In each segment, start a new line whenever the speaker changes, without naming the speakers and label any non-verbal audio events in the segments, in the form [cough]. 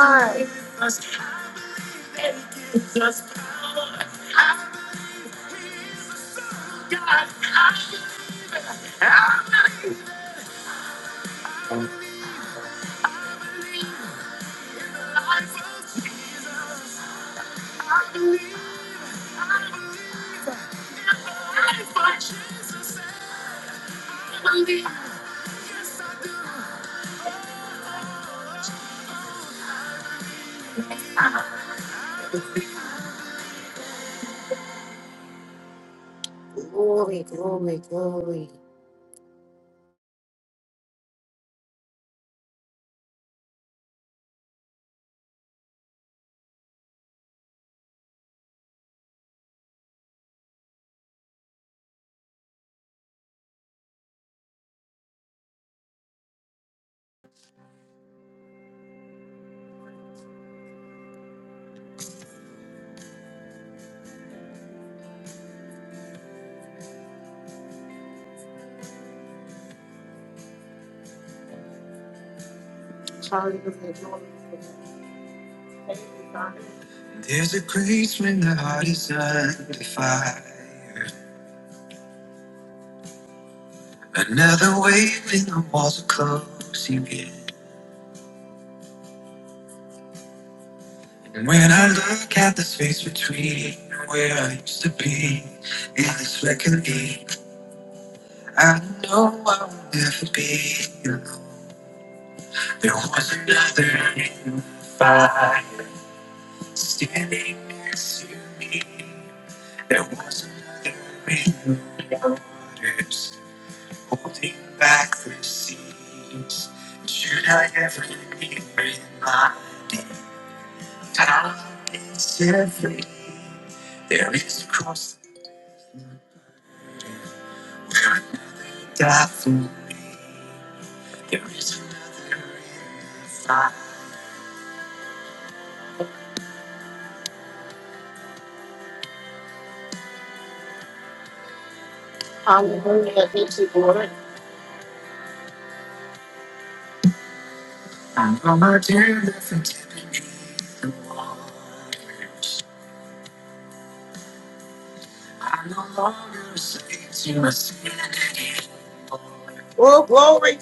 Glory, glory, glory. glory. Hallelujah. glory. Hallelujah. Thank you, Lord. Oh, glory.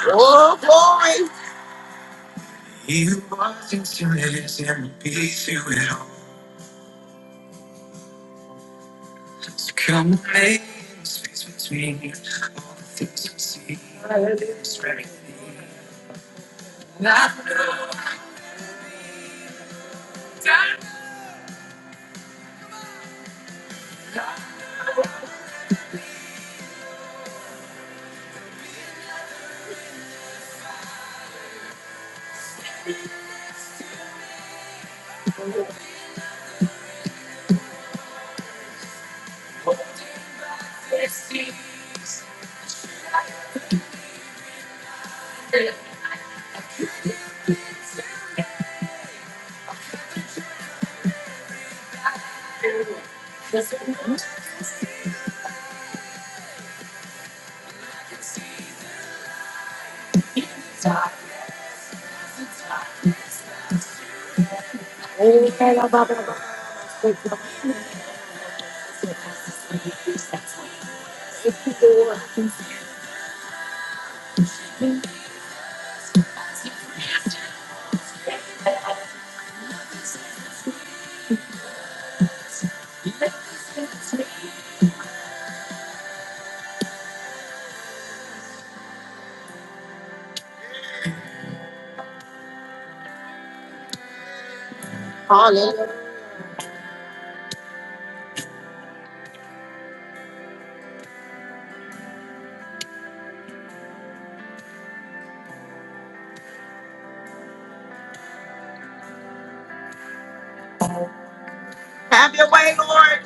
Oh, glory. Hallelujah. Have your way, Lord.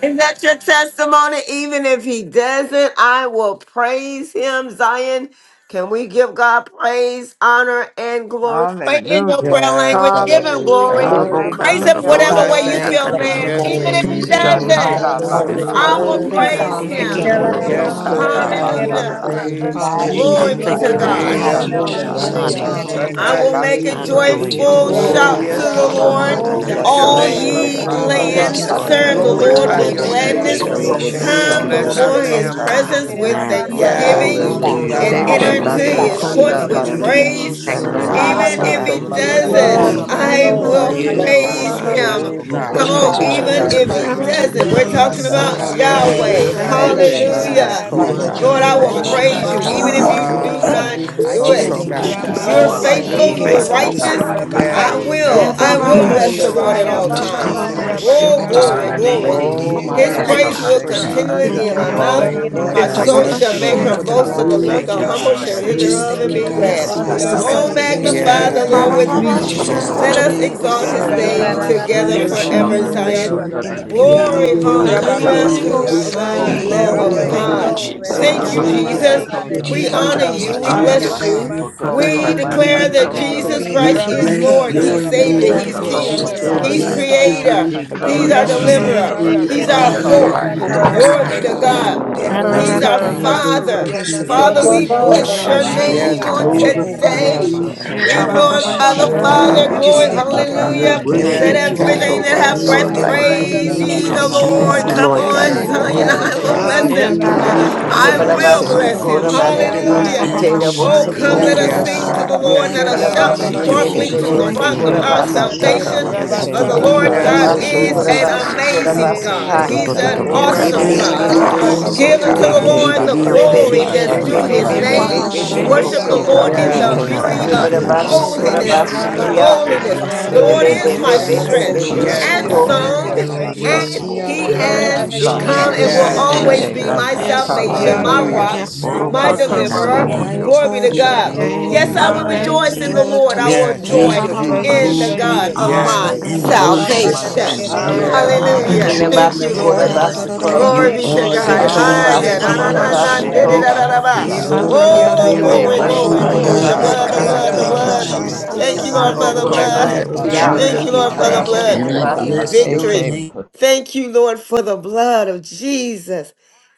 Is that your testimony? Even if he doesn't, I will praise him, Zion. Can we give God praise, honor, and glory? Pray in your
Hallelujah.
prayer
Yes,
language. Give him
Hallelujah.
glory.
Holy
Adabushaya.
Glory.
Rama
Praise him
Hallelujah.
Lord,
whatever
I
Thank
way
you,
you
Soria
Hallelujah.
thank
feel
Jesus.
you.
Bless your
led,
Yes,
even
name.
Thank
Darabase.
if
you,
Lord.
he
Busha
doesn't.
Hallelujah,
kanda
Hallelujah.
Ikanda
Hallelujah.
Jesus.
Thank
Your
Ramo
you,
I
lasata.
Father,
will
Ikoshatarabasu.
glory,
word,
Lord.
Holy
Soria
Hallelujah.
God,
praise
God.
they
glory,
Eke
Your
begin
him.
Hallelujah.
your
word
Daramashanda
busho
Kelalaba,
is
most
Yes,
glory.
to
under
Lord,
the
kanda
pray.
setere,
Shandalomosata
Rabasi.
I
mighty
I
Hallelujah.
will
name
will
of
Hallelujah.
lasata.
kelalaba.
Jesus.
yalolobosite.
always
praise
Provide
Oh,
your
you.
I
praise
Glory
Eke
mother,
Hallelujah.
you,
be
son,
thank
to
you,
Glory,
basha
Father
God.
Holy
Rolobo
God.
Thank
kanda
Father.
kerere,
God.
you,
Hallelujah. To the
lasa.
I
I
bandere,
Jesus.
will
Lord.
honor
shandalomosata
Hallelujah.
you,
kerere,
Lord
continue
rere,
I
to
Eke
God.
rere,
will
Thank
Hallelujah.
make
basha
raba,
yalolobosite.
a
I
praise your
Irabusanamashatayaribu.
Glory
kanda
adore
saya.
to
you,
you.
your
joyful
Lord
holy
lasa
name,
Lord.
Oh,
God.
Rama
shout
I
name.
to
kanda
God.
yes,
Rolobo
mighty
the
name
Sanda
lata.
I
Lord.
of
Lord.
will
Robo
We
Jesus, I
lift
Glory,
Hallelujah,
give
your
bless
shandalomosata
Sande
Olo
you
All
the
your
Thank
God.
God.
name up,
glory.
shike
O
ye
holy
I
Haya
will
Lord.
Rabashanda
yalolobosite.
baba
Thank
mananda
lands,
you,
bless
name.
the
baba
Lord
We
you.
tata
Lord
God,
serve
for
at
the
Praise
sata
You
Rabase.
all
waking up
Lord
are
God.
glorify
bashaka.
this
the
with
your
times.
kera
morning,
true
Rolobosite
Lord
name,
His
gladness.
Bless
Iando
God.
bosa.
and
your
praise
Lord.
the
Oko
name.
shall
yalolobo
Continue to
manda
Thank you,
Come
Bosoria
living
Lord
bless
toko
our
Glory
continuously
God
God,
before
Bless
for
to
be
in
his
your
in
you,
banda
Darabase.
my
my
name.
shandalomosata
families.
ya.
God.
mouth.
life,
presence
the
tata
Kirobo
Kela
with
Father.
mind,
teke
Your
Lord
bandere
Oh,
Sianda.
God,
basha.
I
I
Yes,
that
holy
thanksgiving
so
bow
thank
God.
kerere
stayed
full
you
down
on
and
Hallelujah.
Your
No,
for
I
and
you,
And
kerere
no,
I
enter
Lord
Baba.
Eke
rere,
worship you,
into
God.
righteous
Yes,
everything
Hallelujah.
basha
so
God.
raba.
his
Lord,
that
Bosoria
you
kunda
courts
in
are
full
the
Hallelujah.
with
You
beauty
are
doing,
lasaka.
Darabase.
the
praise.
of
Thank
your
you,
Jesus.
Lord
God.
God.
holiness,
Even
Ikanda
We
if
God.
Shandalomosata
he
Rabo
Oko
honor
Good
manda
Soria
God.
doesn't,
Holy,
yalolobosite.
koko
you.
Thank
Glory,
you,
Darabase.
holy,
manda
I
Jesus.
We
glory.
will
holy,
Thank you,
kalasha.
Bless
Haya
Lord
Tarabasikitiribarabushikiri.
thank
Jesus.
you,
you.
God
baba
Thank
praise
you,
Lord.
Yelobosite
baba
him.
Jesus.
re,
Almighty,
Oh
Thank you.
We
yalolobo
Come
which
God,
kerere
Hoko
on,
thank
is,
you,
which
kerere
even
Hallelujah.
Father
ah,
Thank
was,
manda
you,
Thank
and
God.
if
Jesus.
is
raba,
he
yes
are
kolo
saya.
to
God,
doesn't,
You
shike
we're
come.
are the
talking
manda
Lord,
about
Most
I
ka.
Ramasianda
honor
High
you.
Yahweh.
you.
I
Thank
God.
Karare
yes,
you,
Holy
Ramasanda
is
praise
Heke
you,
your name.
kerere
God.
manda
mm,
Hallelujah.
Jesus.
I
You
my
bandere
Father,
Rabashande.
are
Thank
kolo
love
we
God,
you,
Lord,
kerere
I
Lord,
will
shike
raba,
Jehovah
because
Thank you,
you
Glory,
manda
praise you,
saya.
Jireh.
first
Father.
even if
glory,
you
loved
kabasi.
You
me,
are
do
glory.
God.
not
ah,
Jehovah
I
do it.
just
yes
Thank
Hoko
you,
thank
Sikkim.
you,
God,
you,
manda
God,
Father.
You're
You
kama
yes
Coca-Cola
Jesus.
Glory,
for
Thank
are
Ramasianda
You're
God,
faithful,
waking
shike
you're
shisa
us
one
faithful,
up
ta
oh
glory,
and
manda
ta
this
Ramaseke
you,
si.
righteous.
God.
ta
morning,
glory.
Lord
ta
only
God
God.
Right.
I
de de
yes
Rabase.
true
de de
Yeah,
will,
God,
ba,
Hoko
I
living
de
giving
ba,
de de
will
all
Thank
Bless
God.
de
ba,
Mm,
manda
de
Thank
the
bless
you,
praise
the
Lord.
and
Lord
she.
at
kolo
honor
Aya
Father.
all
You
baba
shisa
unto
shike
I
thee,
Ikatatabayese.
times.
will
baba,
are
manda
kalate
de
God.
bless
the
you,
kere
ha.
Oh,
I
only
just
la
Rabasanda
ha
Lord.
glory,
la
da
honor
de
God.
you.
de
I
basta.
glory.
de de
oh
I
love
You
you,
Ramaseke
my
will
are
His
shisa
God,
the
God,
Ese
praise
because
you,
you
praise
I
Yandobush.
will
you,
Lord.
kalate
first
mm,
seke
am
God.
loved
continually
me,
that
be
manda
in
Kere
my
your
God.
I
kolo
de
mouth.
Yanda
oh
praise
am
kere
is
my
Lord,
shike
a
Yeah,
My
I
la
God,
la
ba,
just
ba,
kala
soul
manda.
ba,
thank
yes
shall
basta
Ramasorianda
you,
make
you
God,
mm,
her
Lord,
kore
for
shisa
she.
the
are
la
Ramase.
boast in
breath
the
Oh,
of
kalate
basta.
Lord.
yes,
Thank
life,
The
you,
to
worthy.
to
Lord.
God.
humble
da
shall
da
Thank
hear
We
you,
de de
Thank you,
Ramaseke
just
de
Jesus.
Jesus.
Praise
thereof
de
and
thank you,
Father,
de
be
Yes,
La
de
God,
belongs
glad.
for
to
Yes,
Lord.
Lord.
shisa
eyes
basta
to
Thank you,
Lord.
you.
Nderabosorianda
Oh,
see
tora
and
Jesus.
Rabas.
kalate
Precious
ears
Lord
kere
to
All
la
God.
magnify
the
la
hear,
yes
Yeah,
o
the
la
ba,
Lord
God.
Oh,
ba,
God,
with
ba,
glory
Thank
ba,
mm,
you,
We
me.
Shakon.
just
Lord
she.
basta.
Yes,
God.
belongs
Coca-Cola
Da,
yes
to
Let
exalt
da,
your
Lord.
da,
shisa
us
God,
da,
you.
name.
Thank
yo,
We
you,
exalt
Thank
his
Jesus.
you,
sa.
Yanda
Have
glorify
Ora
name
you,
Jesus.
la
Ikala
your
la
God. We
shi
Thank
way
you,
together
Ramasanda
basta
Yes,
worship
with
thank
forever,
us,
you,
Oh,
sakala
kere
you.
Lord.
la
yes,
Lord,
te
mm,
Zion.
Ramasorianda
Yahweh.
Lord.
Shiver
in
basta
totora
the
Thank
Rabas.
de
you,
de
beauty
de
Jesus.
kere
Glory,
de
of
la
Yahweh,
mm.
your
shi
Da,
basta.
da, da,
Rababa
Yahweh,
da,
hallelujah,
sakala
da,
holiness,
Oh,
to
te
yo,
God.
yes,
Yahweh.
Sorianda
sa,
Lord.
the
yeah.
Holy,
Thank
Eya,
hoko
you,
Lamb
Have
Jesus.
of
holy,
Ramashanda
Glory,
koko
your
Thank
la
you,
God.
holy,
shi
way.
Rabase.
glory.
We
Jesus.
Lord
Thank
Aya
Eke
God
you,
sakala
Thank
baba
te
you,
manda
Almighty,
Jesus.
Lord.
Thank
glorify
baba
you,
de
your
which
kolo
de
We
la
is, which
name.
basta.
honor
ikala
shaka
was,
shi
Jesus.
We
and
you.
ile,
We
which
honor
We
are
manda.
you,
to
bless
sakala
God.
te
God
you.
totora
magnify
to
Koko
ta
We
your
come.
ta
Thank
We
you,
ta
manda
declare
name.
thank you,
ta
that
de
Ananamasiandorobosur.
de
God,
kolo
for
de
Jesus
Sola
de
being the
de
shike
We
Christ
manda
King
is
of
kore
manda
bless
Lord.
eya,
Kings
si.
your
kere
He's
yes
la
the
In
shi
la
the
Savior.
Lord
He's
of
name
name.
basta
of
sakala
We
Lords,
te
King.
Koko
ore
say
the
la
kala
Ramasandarabasikeyandarobos.
He's
Lily
konda
Jesus.
te
yes
of the
basta.
to
Jesus.
bacha
Valley,
Creator.
you.
the
kanda
bright
He's
ikala
You
our
shi
ta.
morning
are the
Yes,
ile,
Kere
star,
Deliverer.
sakala
de
the
true
te
He's
kere
ta
great
and
Iyandanaramasandarabas.
our
I
la
ta
the
de
Oko
You
de
hope.
are
am,
basta
de
living
hope,
the
shi
oh
tara
God
la
bayeke.
Most
of
la
Glory
God.
High
be
my
to
kere
God,
life.
God.
hmm
the
de la
kala
Rababasuriandaramas.
and
de
I
He's
basta.
de
will
everlasting
our
Oka
shi
wekele,
Andadadadayos.
Father,
always
the
Father.
Prince
hahawasi.
continue
of
to
Father,
Peace,
we
We
praise
Manda
Robobo,
you.
Ikalashisa
bless
Bless your
Baba
shike
Jehovah
your
I
name,
manda
kalate
Dedeke,
will
oh
name
yes
Shalom,
shi.
tora
on
God.
de
God,
e-
de
Iyandanaramasandarabasuriandarabas.
Sheketa,
de de
Jehovah
glorify
de de
today.
yes
de
you.
Osho
de
Rapha,
de
Rabasaya.
Eh,
God,
de
I
We
ba,
kanda
ba,
si.
will
Jehovah
ba, ba,
glorify
balata
the
honor
Shikanu.
kama
you.
Father.
We
yes,
just
Glory,
shandadadayo.
lata
Ayaba,
thank you,
Hokokolashisa
Oh,
kama
I
Rabasandaramasekeyandarobos.
tada
God,
will
Baba,
hallelujah.
de de
yeke.
that
de
we
Thank
e-
de
Let
you,
worship
yes
de
Yes,
Dedeke,
you are
you.
Jesus.
si.
God.
Oh,
Lord.
everything
Oko
that
Lord, I
everything
have
Yes,
breath
In
Rabasaya,
baleti
the
that
glorify you,
Lord.
we,
Lord
mighty
we
shokonda
praise
need
Hakalashisa
la
you
name
Nananamasandarabas.
ye
to
the
of
be,
Yes,
God.
kalate.
tokumba
God.
Love
Lord.
you,
la
Lord.
Jesus,
Orare,
Come
la
Lord
Oh,
God.
Yes,
on,
Keshe,
I
Yes,
Zion,
Lord.
thank
Lord.
dukunda.
magnify
Yes,
I
Yes,
you,
the
will
God,
Lord.
Lord
God.
Rabara,
bless
for
with
Whew.
Ilo
me,
him.
And
who
na, na,
Makosha,
God.
na,
you
na,
boshoto
na, na,
I
are.
Tekere,
Ikalashisa
yos,
will
Handarabashekerabas.
bayeke
ah.
You
Yabalabasun
bless him.
kalate
Kora
are the
Bari de
batukonanda
Ay,
true
Ayaba,
ba,
kalashisa
Bosi
Hallelujah.
ba,
Yara,
and
ba,
Eyandarabas.
lata.
Yadadadadadaboshiadadababaya.
Tera
Oh,
almighty
come,
Sareke,
Bless
Bosako,
let
the
Koko
us
living
kokokokalashi.
Lord at
Yes,
Seteyandarabas.
sing
shandadadayos,
to
God.
all.
God.
the
lata
Rabasaya.
ah.
ba
Lord.
Yes,
Let
Yadadadadadadababaya,
God.
us
yeke
We
shout
Yandara
I
Thank
Ikalashi.
Yabalabasun
you,
appreciate
base.
Praise
de
said,
it.
de
shall
joyfully
Lord.
maseke
to the
continue to
Lord,
Bosu
nananadadaboshiadadaba.
Thank
be
rock
in
Horeke,
Eke
of
my
robosha.
you.
Kora
thank
our
mouth,
you,
I
Rekere,
Lord
worship
Ikalashisa
balata
God.
Basako,
ba
salvation.
Jesus.
kalate
I
Rabasura,
Yes,
yeke
For the
ba
thank
tota
you,
Lord.
Rabasanda
basha.
Lord
Lord
Mahaya.
Thank
God.
tata
Yes,
you,
I
God
de
Yes,
so
de
so
de
Yabalabasu
honor
is
Lord.
rabaseke.
you,
Kora
de
an
Jesus.
Eke
Lord
Basu
God.
Yes,
Rabasai.
Kora
de
Thank
amazing
Lord.
bashaka
you,
God.
Oh,
Basakai,
do
de
God,
Hey,
do
He's
do
manana
an
de
do bo
Oh
hey.
si.
for
Yes,
tata.
kanda
awesome
Dibidi
dia
Lord.
de
Ayaba,
God.
You're
Rabasata
masanda.
Baba,
Andara
everything
Awesome, oh
that
Give
Dekere,
you
unto
are
Bosuko,
Rabasai.
the
mashika
God.
Ni
Eke
di
doing.
Lord
di
Hokokokokalashisa
Rabasaya.
andara
the
di
masa.
mo
Rebe
bashike
si
glory
Thank
kia ra
you
that's
You
for
due
manana
your
masanda
are
his
to
na ba.
base.
Nandara
be
name.
kalabekatarabibibibisi.
That's it.
honored.
robosori
divine
Worship the
Oko
andara
Lord
Suko,
You
in
Oh,
the
Thank
baseke.
Yes,
are
baleke
na
Hikalashisa
you,
ba
to
ma
beauty
be
di
God.
Father,
di
of
kalashi.
your
mo
Yabalabasu
worshiped.
base.
si
Kora
son,
kia
that
holiness.
ra
it
you,
Ayaba,
is
ba ya
Your
Rabasanda
la
Lord.
Oko
Baba,
Basakia,
Hikalashi.
Say,
are.
I
Holiness.
sakalashi.
yes,
balaka
honor
Dekere,
The
rabashende de
Lord
you,
Lord.
Thank
is
you,
God.
my
bashaka
Lord
Rabasaya,
rabase.
Yes,
God.
Yes,
base.
Dekere.
strength
Lord.
Rebe
Lord.
Yes,
Yes,
Thank
Hikalashi. Unkalashi.
and
Oh,
you,
Suko, Yabalabasu Kora
you're
God.
Oko
Lord.
my
thank
Have
song.
you,
very
your
thank
present
bashaka
you.
help.
way.
Yes,
And he
Lord.
masheke
Thank
has
Have
you,
Orare,
your way,
Rabasanda
masaka.
become
Ooh,
and
Kere,
Basako,
will
Jesus.
Yes,
rabashe.
hallelujah,
God.
Eke
always
There's
Lord.
be
Rabasaya,
none
Yes,
my
like
manda
you,
God.
Yes,
Dekere,
Lord
Oh,
kala
God.
I
salvation,
Lord.
Mm,
God,
Yanda
my
we
shaka.
Rabahaya.
Hallelujah.
rock,
worship
Yes,
you,
rabasanda
my
Oroko
Lord.
Haka
Lord.
magnify
sanda
Yes,
your
da ba
deliverer.
mm,
di
rabasende
di
mm,
I
Lord.
de
balaka.
name.
Glory
mo
be to
sa
exalt
We
da
eya,
robosoro.
your
da ba
God.
Yere
da.
name,
eya,
O
Thank
Yes,
you.
I
kerere
God.
will
glorify
Oko
bara
Andara
your
Thank
rejoice in the
name.
basete.
Lord,
manashe.
Lord.
şakarara
I
Oh,
taste
my
will
We
and
Yes,
bahaya,
see
Thank
mm,
joy
give
you,
God.
that
Jesus.
the
you
Eke
thank
you.
you,
in
Lord
the
manda.
thank
glory,
God
you.
she.
of
is
my
honor,
Kaya
Yes.
Thank
and
good,
you,
baba
and
Hoko
worship.
His
bara
manda
salvation.
mercies
Jesus.
kerere
kala
endure
You
Yes,
unkalashi
are
forever,
basaya.
shata.
the
mm,
God.
Hallelujah.
Andarabasori
God.
true
Thank
Hallelujah.
you,
mm,
living
Lord.
Eke
andarabashi.
God.
manda
Thank
Glory
you,
You
Broke
be
Thank you,
to
are
konoshi.
Lord
the
God.
King
Jesus.
şekerere
Ah,
Jesus.
of
Hiya,
hikalashi
Yabalabasu
yes,
na, na,
God.
Kora
Eke
na,
kings.
na,
sakalate,
manda
basaya.
di, di,
Yes,
You
she.
Basako,
da, da,
God.
da,
kama
are
Be
the
ba.
Andarabaseke
Yes,
shata.
Lord
hikalashi sakalate, kalate.
God.
Kaya
of
da
Hikalashisa
Oh,
robosi
In
What am
the
lords.
glory,
boku
Eke
kalate.
master
Oh,
You
glory,
the
andarabasi.
şekere
ile,
Shaya.
glory.
are
The
ile,
mashaka
a
bullshot.
blood, the
I
bara
I
manda
Katana,
blood, the
thinking?
conquering
Thank
Hikalashisa
you,
kere
Iandaramasa
blood.
lion
tamasi.
kalate
Rabasha.
Thank you,
Jesus.
Lord,
of
andarabase.
for
What
the
am
the
quarter
Oko
Bless
bus,
blood.
tribe
the
tatarabibibisi.
of
manda
key
Tierra
Thank
as
Judah.
you,
ile,
she
Lord,
Ramamasori
for the
Thank you,
traveled
blood
takamashi.
And
Hikalashisa
today,
I
Lord.
Lord.
out.
andarabase.
bless your
victory.
Eke
name.
Thank you, Lord, for the blood of Jesus,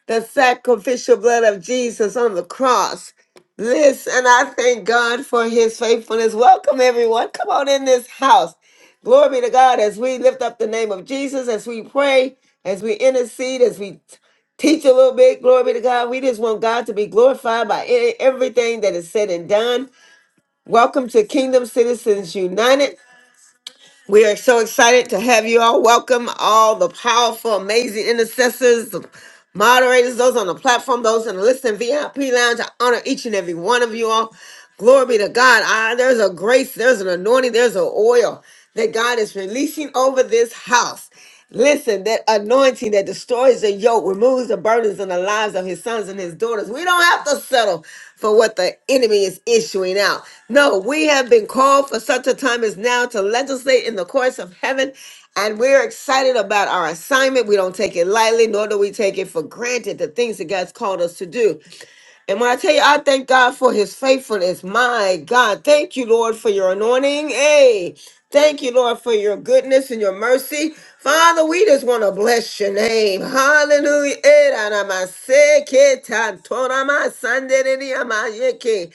the sacrificial blood of Jesus on the cross. Listen, I thank God for his faithfulness. Welcome, everyone. Come on in this house. Glory be to God as we lift up the name of Jesus, as we pray, as we intercede, as we t- teach a little bit. Glory be to God. We just want God to be glorified by e- everything that is said and done. Welcome to Kingdom Citizens United. We are so excited to have you all. Welcome all the powerful, amazing intercessors, the Moderators, those on the platform, those in the Listen VIP Lounge, I honor each and every one of you all. Glory be to God. Ah, there's a grace, there's an anointing, there's an oil that God is releasing over this house. Listen, that anointing that destroys the yoke, removes the burdens in the lives of his sons and his daughters. We don't have to settle for what the enemy is issuing out. No, we have been called for such a time as now to legislate in the courts of heaven and we're excited about our assignment. We don't take it lightly, nor do we take it for granted the things that God's called us to do. And when I tell you, I thank God for his faithfulness. My God, thank you, Lord, for your anointing. Hey, thank you, Lord, for your goodness and your mercy. Father, we just want to bless your name. Hallelujah. Eh, da, da, ma, se, ke, ta, to, da, ma, san, de, de, de, ma, ye, ke.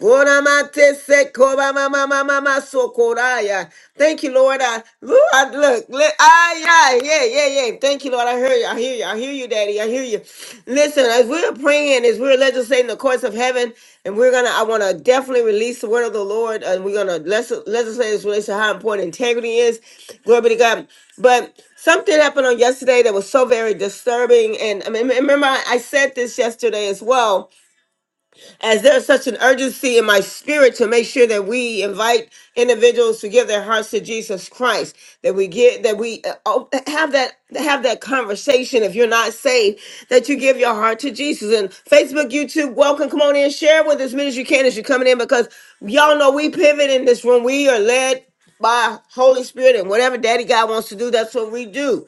Go, da, ma, te, se, ko, ba, ma, ma, ma, ma, ma, so, ko, da, ya. Thank you, Lord. I, Lord, I- look, look, ah, yeah, yeah, yeah, yeah. Thank you, Lord. I hear you. I hear you. I hear you, Daddy. I hear you. Listen, as we're praying, as we're legislating the courts of heaven, and we're gonna, I want to definitely release the word of the Lord, and we're gonna les- legislate this relation to how important integrity is. Glory be to God. But something happened on yesterday that was so very disturbing, and I mean, remember I I said this yesterday as well as there's such an urgency in my spirit to make sure that we invite individuals to give their hearts to Jesus Christ, that we get that we uh, oh, have that have that conversation. If you're not saved, that you give your heart to Jesus. And Facebook, YouTube, welcome. Come on in, share with as many as you can as you're coming in, because y'all know we pivot in this room. We are led by Holy Spirit and whatever Daddy God wants to do, that's what we do.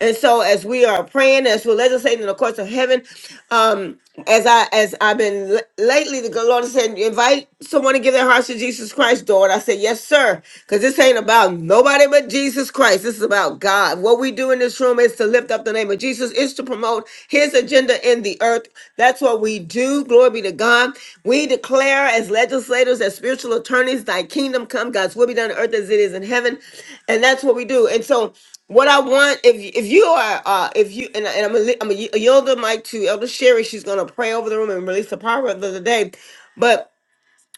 And so as we are praying, as we're legislating in the courts of heaven, um, as I as I've been l- lately, the Lord has said, invite someone to give their hearts to Jesus Christ, door. And I said, Yes, sir. Because this ain't about nobody but Jesus Christ. This is about God. What we do in this room is to lift up the name of Jesus, is to promote his agenda in the earth. That's what we do. Glory be to God. We declare as legislators, as spiritual attorneys, thy kingdom come, God's will be done on earth as it is in heaven. And that's what we do. And so what I want, if if you are, uh, if you and, and I'm gonna, li- I'm gonna yield the mic to Elder Sherry. She's gonna pray over the room and release the power of the day. But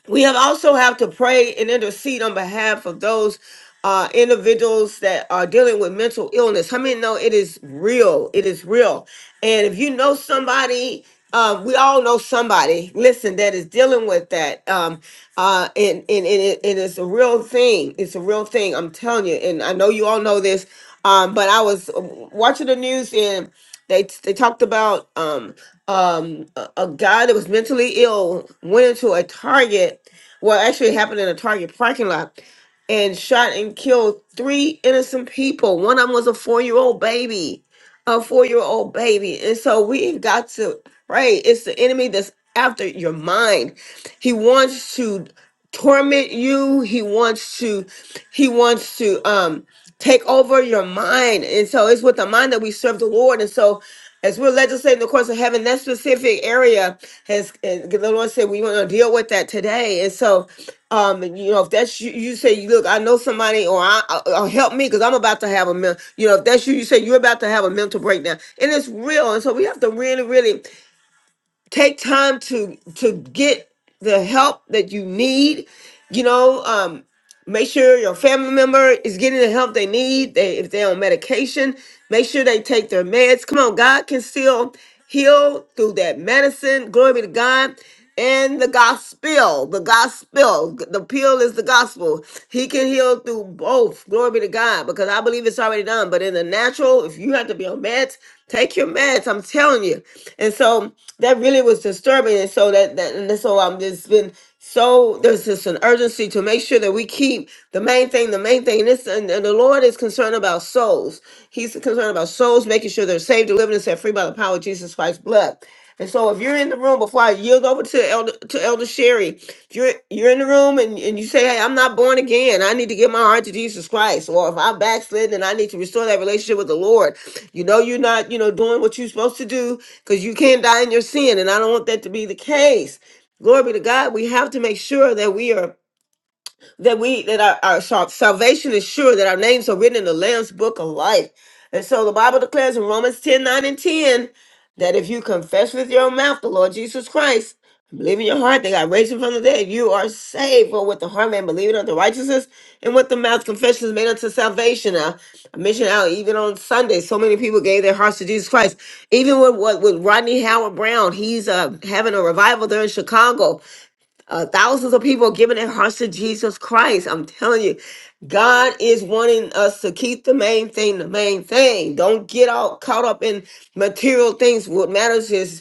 we have also have to pray and intercede on behalf of those uh, individuals that are dealing with mental illness. How many know it is real? It is real. And if you know somebody, um, we all know somebody. Listen, that is dealing with that, um, uh, and and, and, it, and it's a real thing. It's a real thing. I'm telling you, and I know you all know this. Um, but I was uh, watching the news and they they talked about. um, um a, a guy that was mentally ill went into a target well actually it happened in a target parking lot and shot and killed three innocent people one of them was a four-year-old baby a four-year-old baby and so we've got to pray it's the enemy that's after your mind he wants to torment you he wants to he wants to um take over your mind and so it's with the mind that we serve the lord and so as we're legislating the course of heaven, that specific area has, and the Lord said, we want to deal with that today. And so, um, you know, if that's you, you say, you look, I know somebody, or I, or help me, because I'm about to have a, men- you know, if that's you, you say you're about to have a mental breakdown, and it's real. And so we have to really, really take time to to get the help that you need you know um make sure your family member is getting the help they need they if they're on medication make sure they take their meds come on god can still heal through that medicine glory be to god and the gospel the gospel the pill is the gospel he can heal through both glory be to god because i believe it's already done but in the natural if you have to be on meds take your meds i'm telling you and so that really was disturbing and so that, that and so i'm just been so there's just an urgency to make sure that we keep the main thing the main thing this and, and the lord is concerned about souls he's concerned about souls making sure they're saved delivered and set free by the power of jesus christ's blood and so if you're in the room before i yield over to elder to elder sherry if you're you're in the room and, and you say hey i'm not born again i need to give my heart to jesus christ or if i'm backslidden and i need to restore that relationship with the lord you know you're not you know doing what you're supposed to do because you can't die in your sin, and I don't want that to be the case. Glory be to God. We have to make sure that we are that we that our, our sal- salvation is sure that our names are written in the lamb's book of life and so the bible declares in romans 10 9 and 10 that if you confess with your mouth the lord jesus christ and believe in your heart that god raised him from the dead you are saved for with the heart man believing unto righteousness and with the mouth confession is made unto salvation now i mentioned how even on sunday so many people gave their hearts to jesus christ even with what with rodney howard brown he's uh having a revival there in chicago uh, thousands of people are giving their hearts to Jesus Christ. I'm telling you, God is wanting us to keep the main thing the main thing. Don't get all caught up in material things. What matters is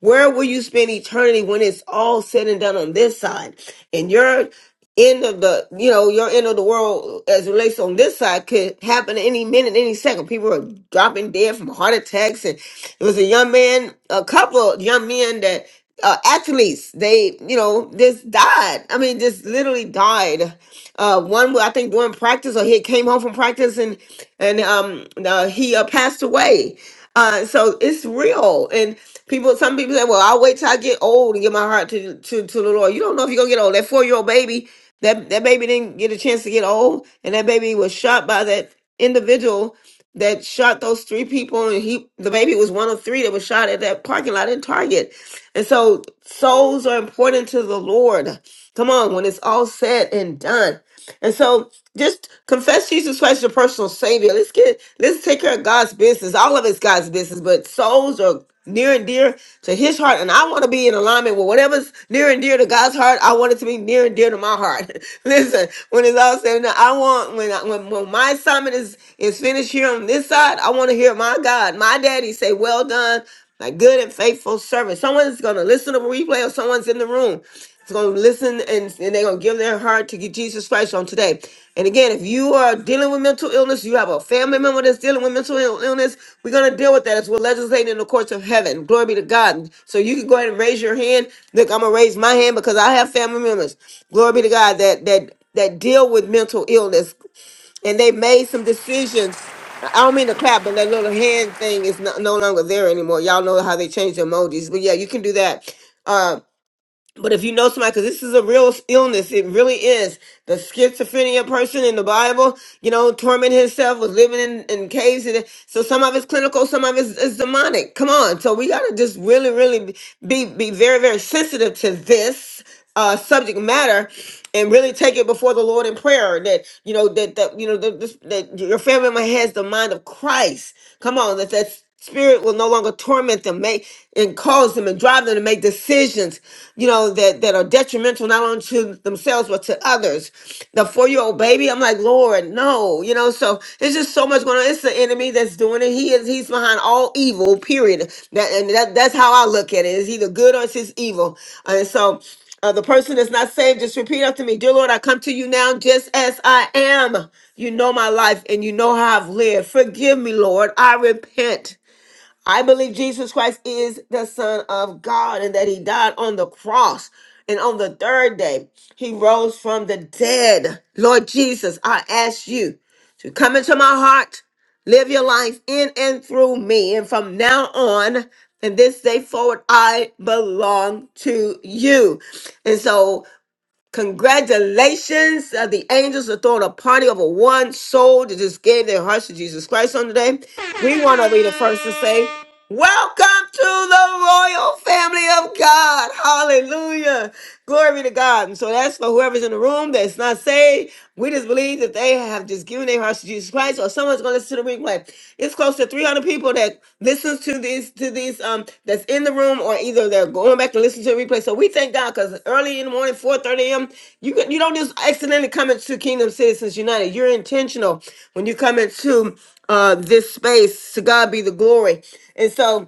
where will you spend eternity when it's all said and done on this side? And your end of the, you know, your end of the world as it relates on this side could happen any minute, any second. People are dropping dead from heart attacks. And it was a young man, a couple of young men that, uh, athletes, they, you know, just died. I mean, just literally died. Uh, one, I think, during practice, or he came home from practice and and um, uh, he uh, passed away. Uh, so it's real, People, some people say, "Well, I'll wait till I get old and give my heart to to, to the Lord." You don't know if you're gonna get old. That four year old baby, that that baby didn't get a chance to get old, and that baby was shot by that individual that shot those three people, and he the baby was one of three that was shot at that parking lot in Target. And so, souls are important to the Lord. Come on, when it's all said and done, and so just confess Jesus Christ as your personal Savior. Let's get let's take care of God's business. All of it's God's business, but souls are near and dear to his heart and i want to be in alignment with whatever's near and dear to god's heart i want it to be near and dear to my heart [laughs] listen when it's all said and done i want when, I, when when my assignment is is finished here on this side i want to hear my god my daddy say well done my good and faithful servant someone's going to listen to a replay or someone's in the room it's going to listen and, and they're going to give their heart to get jesus christ on today and again, if you are dealing with mental illness, you have a family member that's dealing with mental ill- illness, we're going to deal with that as we're legislating in the courts of heaven. Glory be to God. So you can go ahead and raise your hand. Look, I'm going to raise my hand because I have family members. Glory be to God that that that deal with mental illness and they made some decisions. I I don't mean to clap, but that little hand thing is no, no longer there anymore. Y'all know how they changed the emojis. But yeah, you can do that Uh, but if you know somebody, because this is a real illness, it really is. The schizophrenia person in the Bible, you know, tormented himself, was living in, in caves. And, so some of it's clinical, some of it's, it's demonic. Come on. So we got to just really, really be, be very, very sensitive to this uh, subject matter and really take it before the Lord in prayer that, you know, that, that you know, that, this, that your family member has the mind of Christ. Come on. That, that's spirit will no longer torment them make and cause them and drive them to make decisions you know, that, that are detrimental not only to themselves but to others. The four year old baby, I'm like, Lord, no, you know, so it's just so much going on. It's the enemy that's doing it. He is he's behind all evil, period. That and that, that's how I look at it. It's either good or it's just evil. And so uh, the person that's not saved, just repeat after me. Dear Lord, I come to you now just as I am. You know my life and you know how I've lived. Forgive me, Lord. I repent. I believe Jesus Christ is the Son of God and that He died on the cross. And on the third day, He rose from the dead. Lord Jesus, I ask you to come into my heart, live your life in and through me. And from now on, and this day forward, I belong to you. And so Congratulations. Uh, the angels are throwing a party over one soul that just gave their hearts to Jesus Christ on today. We want to be the first to say, Welcome to the royal family of God. Hallelujah. Glory to God. And so that's for whoever's in the room that's not saved. We just believe that they have just given their hearts to Jesus Christ, or someone's going to listen to the replay. It's close to 300 people that listens to these to these um that's in the room, or either they're going back to listen to the replay. So we thank God because early in the morning, 4:30 a.m. You can, you don't just accidentally come into Kingdom Citizens United. You're intentional when you come into uh this space. To God be the glory. And so.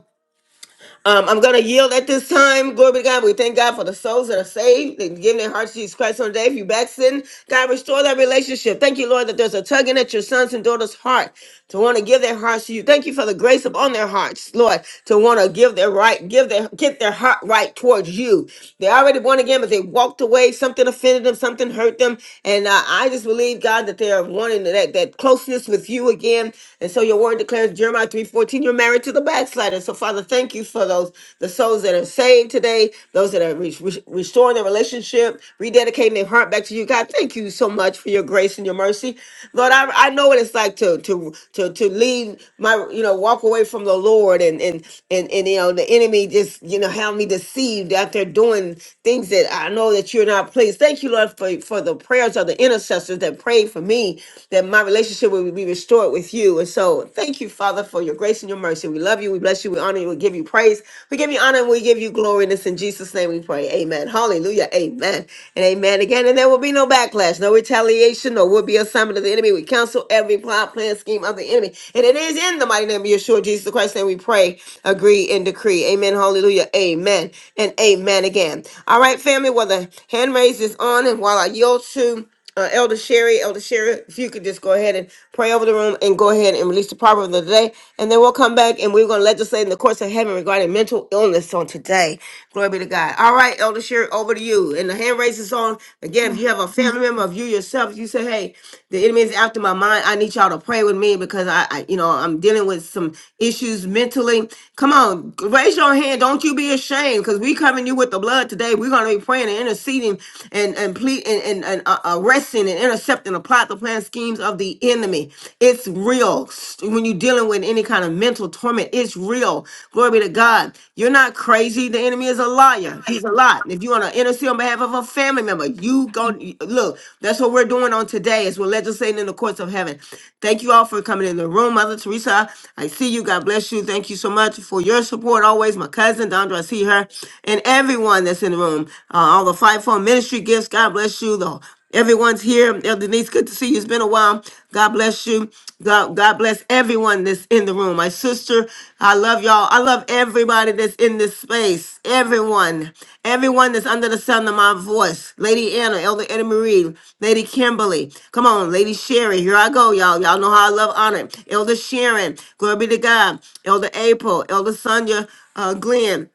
Um, I'm gonna yield at this time. Glory be to God. We thank God for the souls that are saved and giving their hearts to Jesus Christ on the day. If you backslidden, God restore that relationship. Thank you, Lord, that there's a tugging at your sons and daughters' heart to want to give their hearts to you. Thank you for the grace upon their hearts, Lord, to want to give their right, give their get their heart right towards you. They already born again, but they walked away. Something offended them, something hurt them, and uh, I just believe God that they are wanting that that closeness with you again. And so your word declares Jeremiah 3:14, you're married to the backslider. So Father, thank you for those the souls that are saved today, those that are re- re- restoring their relationship, rededicating their heart back to you. God, thank you so much for your grace and your mercy. Lord, I, I know what it's like to to to to leave my you know walk away from the Lord and and and and you know the enemy just you know have me deceived out there doing things that I know that you're not pleased. Thank you, Lord, for for the prayers of the intercessors that prayed for me that my relationship will be restored with you. And so thank you, Father, for your grace and your mercy. We love you. We bless you. We honor you. We give you praise. We give you honor and we give you glory. And it's in Jesus' name we pray. Amen. Hallelujah. Amen. And amen again. And there will be no backlash, no retaliation, no will be assignment of the enemy. We cancel every plot, plan, scheme of the enemy. And it is in the mighty name of Yeshua, Jesus Christ, and we pray, agree, and decree. Amen. Hallelujah. Amen. And amen again. All right, family. Well, the hand raise is on. And while I yield to uh, Elder Sherry. Elder Sherry, if you could just go ahead and pray over the room and go ahead and release the proverb of the day. And then we'll come back and we're going to legislate in the courts of heaven regarding mental illness on today. Glory be to God. All right, Elder Sherry, over to you. And the hand raise is on. Again, if you have a family member of you yourself, you say, hey, the enemy is after my mind. I need y'all to pray with me because I, I you know, I'm dealing with some issues mentally. Come on, raise your hand. Don't you be ashamed because we coming you with the blood today. We're going to be praying and interceding and and ple- and, and, and uh, arresting and intercepting the plot, the plan, schemes of the enemy. It's real. S- When you're dealing with any kind of mental torment, it's real. Glory be to God. You're not crazy. The enemy is a liar. He's a lie. If you want to intercede on behalf of a family member, you go look. That's what we're doing on today. Is we're legislating in the courts of heaven. Thank you all for coming in the room, Mother Teresa. I see you. God bless you. Thank you so much for your support always. My cousin Dondra, I see her, and everyone that's that's in the room. Uh, all the fivefold ministry gifts. God bless you. The everyone's here. Elder Denise, good to see you. It's been a while. God bless you. God, God bless everyone that's in the room. My sister, I love y'all. I love everybody that's in this space. Everyone, everyone that's under the sound of my voice. Lady Anna, Elder Eddie Marie, Lady Kimberly. Come on, Lady Sherry. Here I go, y'all. Y'all know how I love honor. Elder Sharon. Glory be to God. Elder April. Elder Sonia uh, Glenn.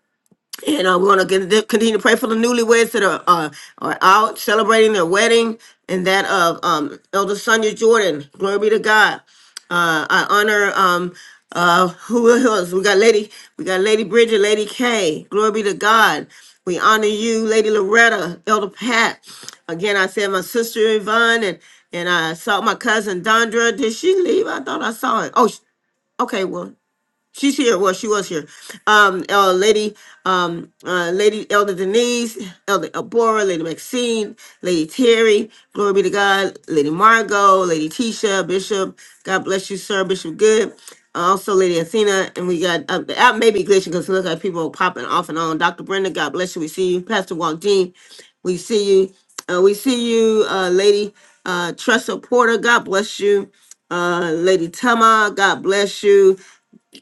And uh, we want to continue to pray for the newlyweds that are uh, are out celebrating their wedding and that of um, Elder Sonia Jordan. Glory be to God. Uh, I honor um, uh, who else? We got Lady, we got Lady Bridget, Lady Kay. Glory be to God. We honor you, Lady Loretta, Elder Pat. Again, I said my sister Yvonne and and I saw my cousin Dondra. Did she leave? I thought I saw it. Oh, sh- okay. Well, She's here. Well, she was here. Um, uh, Lady, um, uh, Lady Elder Denise, Elder Abora, Lady Maxine, Lady Terry, glory be to God, Lady Margot, Lady Tisha, Bishop. God bless you, sir, Bishop Good. Also, Lady Athena, and we got uh, the app may be glitching because look like people are popping off and on. Dr. Brenda, God bless you. We see you, Pastor Walden. We see you. Uh, we see you, uh, Lady uh, Tressa Porter. God bless you uh lady tama god bless you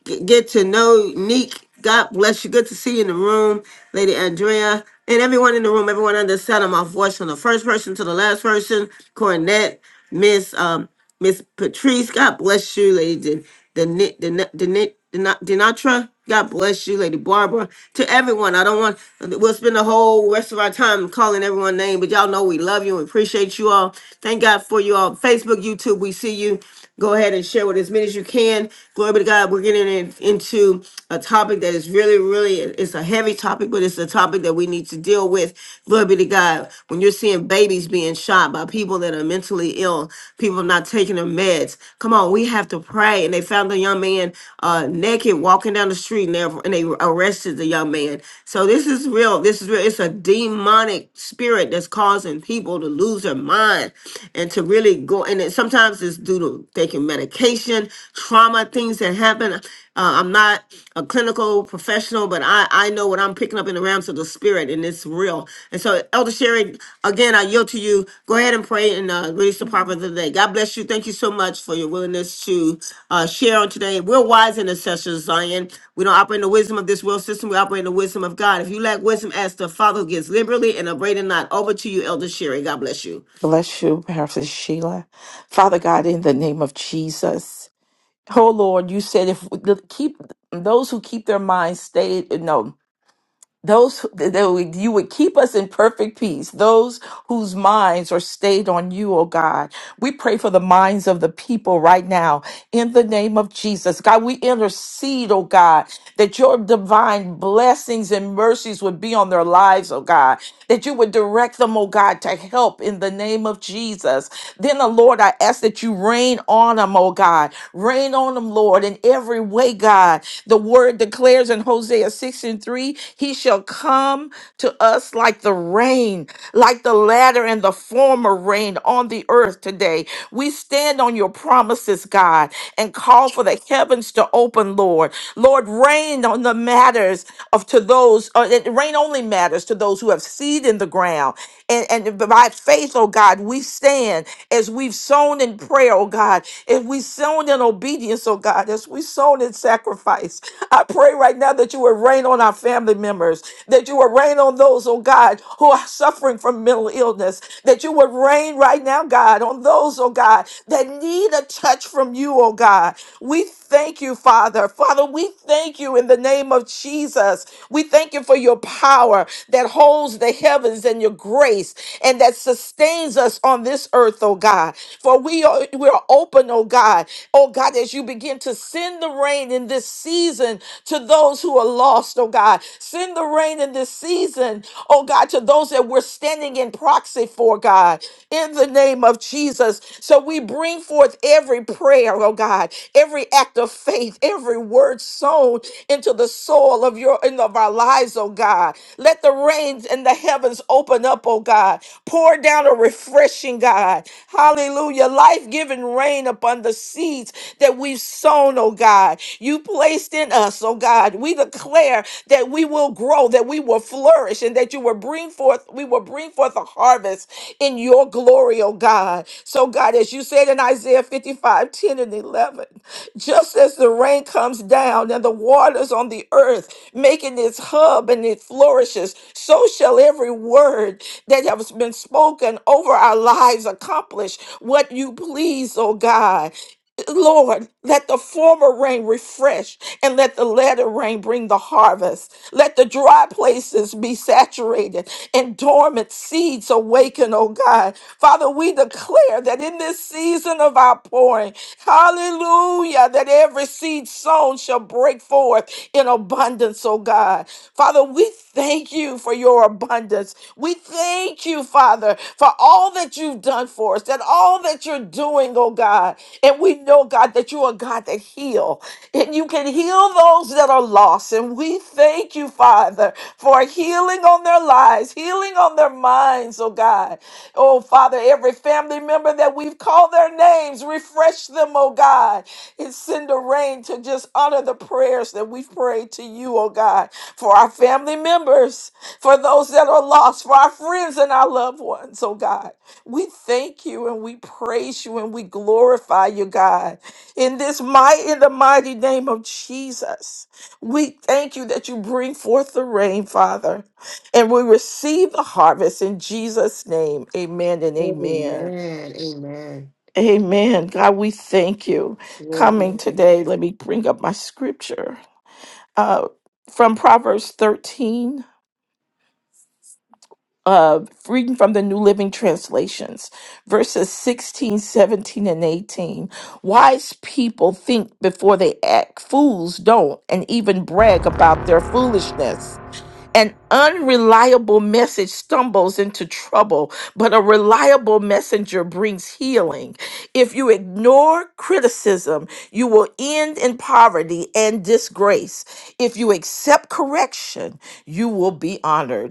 g- get to know Neek. God bless you. Good to see you in the room, Lady Andrea, and everyone in the room, everyone under the sound of my voice, from the first person to the last person, Cornette, Miss um, Miss Patrice. God bless you, Lady Den- Den- Den- Den- Denatra. God bless you, Lady Barbara. To everyone, I don't want we'll spend the whole rest of our time calling everyone name, but y'all know we love you and appreciate you all. Thank God for you all. Facebook, YouTube, we see you. Go ahead and share with as many as you can. Glory be to God. We're getting in- into a topic that is really, really, it's a heavy topic, but it's a topic that we need to deal with. Glory be to God. When you're seeing babies being shot by people that are mentally ill, people not taking their meds. Come on, we have to pray. And they found a young man uh, naked walking down the street and they, and they arrested the young man. So this is real. This is real. It's a demonic spirit that's causing people to lose their mind and to really it go and it sometimes it's due to taking medication trauma things that happen uh, i'm not a clinical professional but i i know what i'm picking up in the realms of the spirit and it's real and so elder sherry again i yield to you go ahead and pray and uh, release the proverb of the day god bless you thank you so much for your willingness to uh, share on today we're wise intercessors zion we don't operate in the wisdom of this world system we operate in the wisdom of god if you lack wisdom ask the father who gives liberally and upbraiding not over to you elder sherry god bless you
Bless you, Pastor Sheila. Father God, in the name of Jesus. Oh Lord, you said if we keep those who keep their minds stayed, no those who- that would- you would keep us in perfect peace those whose minds are stayed on you oh god we pray for the minds of the people right now in the name of jesus god we intercede oh god that your divine blessings and mercies would be on their lives oh god that you would direct them oh god to help in the name of jesus then oh lord i ask that you rain on them oh god rain on them lord in every way god the word declares in Hosea 6 and 3 He shall come to us like the rain, like the latter and the former rain on the earth today. We stand on your promises, God, and call for the heavens to open, Lord. Lord, rain on the matters of to those, uh, it- rain only matters to those who have seed in the ground. And, and by faith, oh God, we stand as we've sown in prayer, oh God. If we sown in obedience, oh God, as we sown in sacrifice, I pray right now that you would rain on our family members, that you would rain on those, oh God, who are suffering from mental illness, that you would rain right now, God, on those, oh God, that need a touch from you, oh God. We thank you, Father. Father, we thank you in the name of Jesus. We thank you for your power that holds the heavens and your grace and that sustains us on this earth, oh God. For for we are we are open, oh God. Oh God, as you begin to send the rain in this season to those who are lost, oh God. Send the rain in this season, oh God, to those that we're standing in proxy for, God, in the name of Jesus. So we bring forth every prayer, oh God, every act of faith, every word sown into the soil of your and of our lives, oh God. Let the rains and the heavens open up, oh God. Pour down a refreshing God. Hallelujah. Life giving rain upon the seeds that we've sown, oh God. You placed in us, oh God. We declare that we will grow, that we will flourish, and that you will bring forth, we will bring forth a harvest in your glory, oh God. So, God, as you said in Isaiah 55, 10 and 11, just as the rain comes down and the waters on the earth, making its hub and it flourishes, so shall every word that have been spoken over our lives accomplish what you please, oh God. Lord, let the former rain refresh and let the latter rain bring the harvest. Let the dry places be saturated and dormant seeds awaken, oh God. Father, we declare that in this season of our pouring, hallelujah, that every seed sown shall break forth in abundance, oh God. Father, we thank you for your abundance. We thank you, Father, for all that you've done for us, that all that you're doing, oh God. And we know, God, that you are God that heal. And you can heal those that are lost. And we thank you, Father, for healing on their lives, healing on their minds, oh God. Oh, Father, every family member that we've called their names, refresh them, oh God. And send a rain to just honor the prayers that we've prayed to you, oh God, for our family members, for those that are lost, for our friends and our loved ones, oh God. We thank you and we praise you and we glorify you, God. In this might, in the mighty name of Jesus, we thank you that you bring forth the rain, Father, and we receive the harvest in Jesus' name. Amen and amen. Amen. God, we thank you. Coming today, let me bring up my scripture uh, from Proverbs 13. uh, reading from the New Living Translations, verses 16, 17, and 18. Wise people think before they act, fools don't, and even brag about their foolishness. An unreliable message stumbles into trouble, but a reliable messenger brings healing. If you ignore criticism, you will end in poverty and disgrace. If you accept correction, you will be honored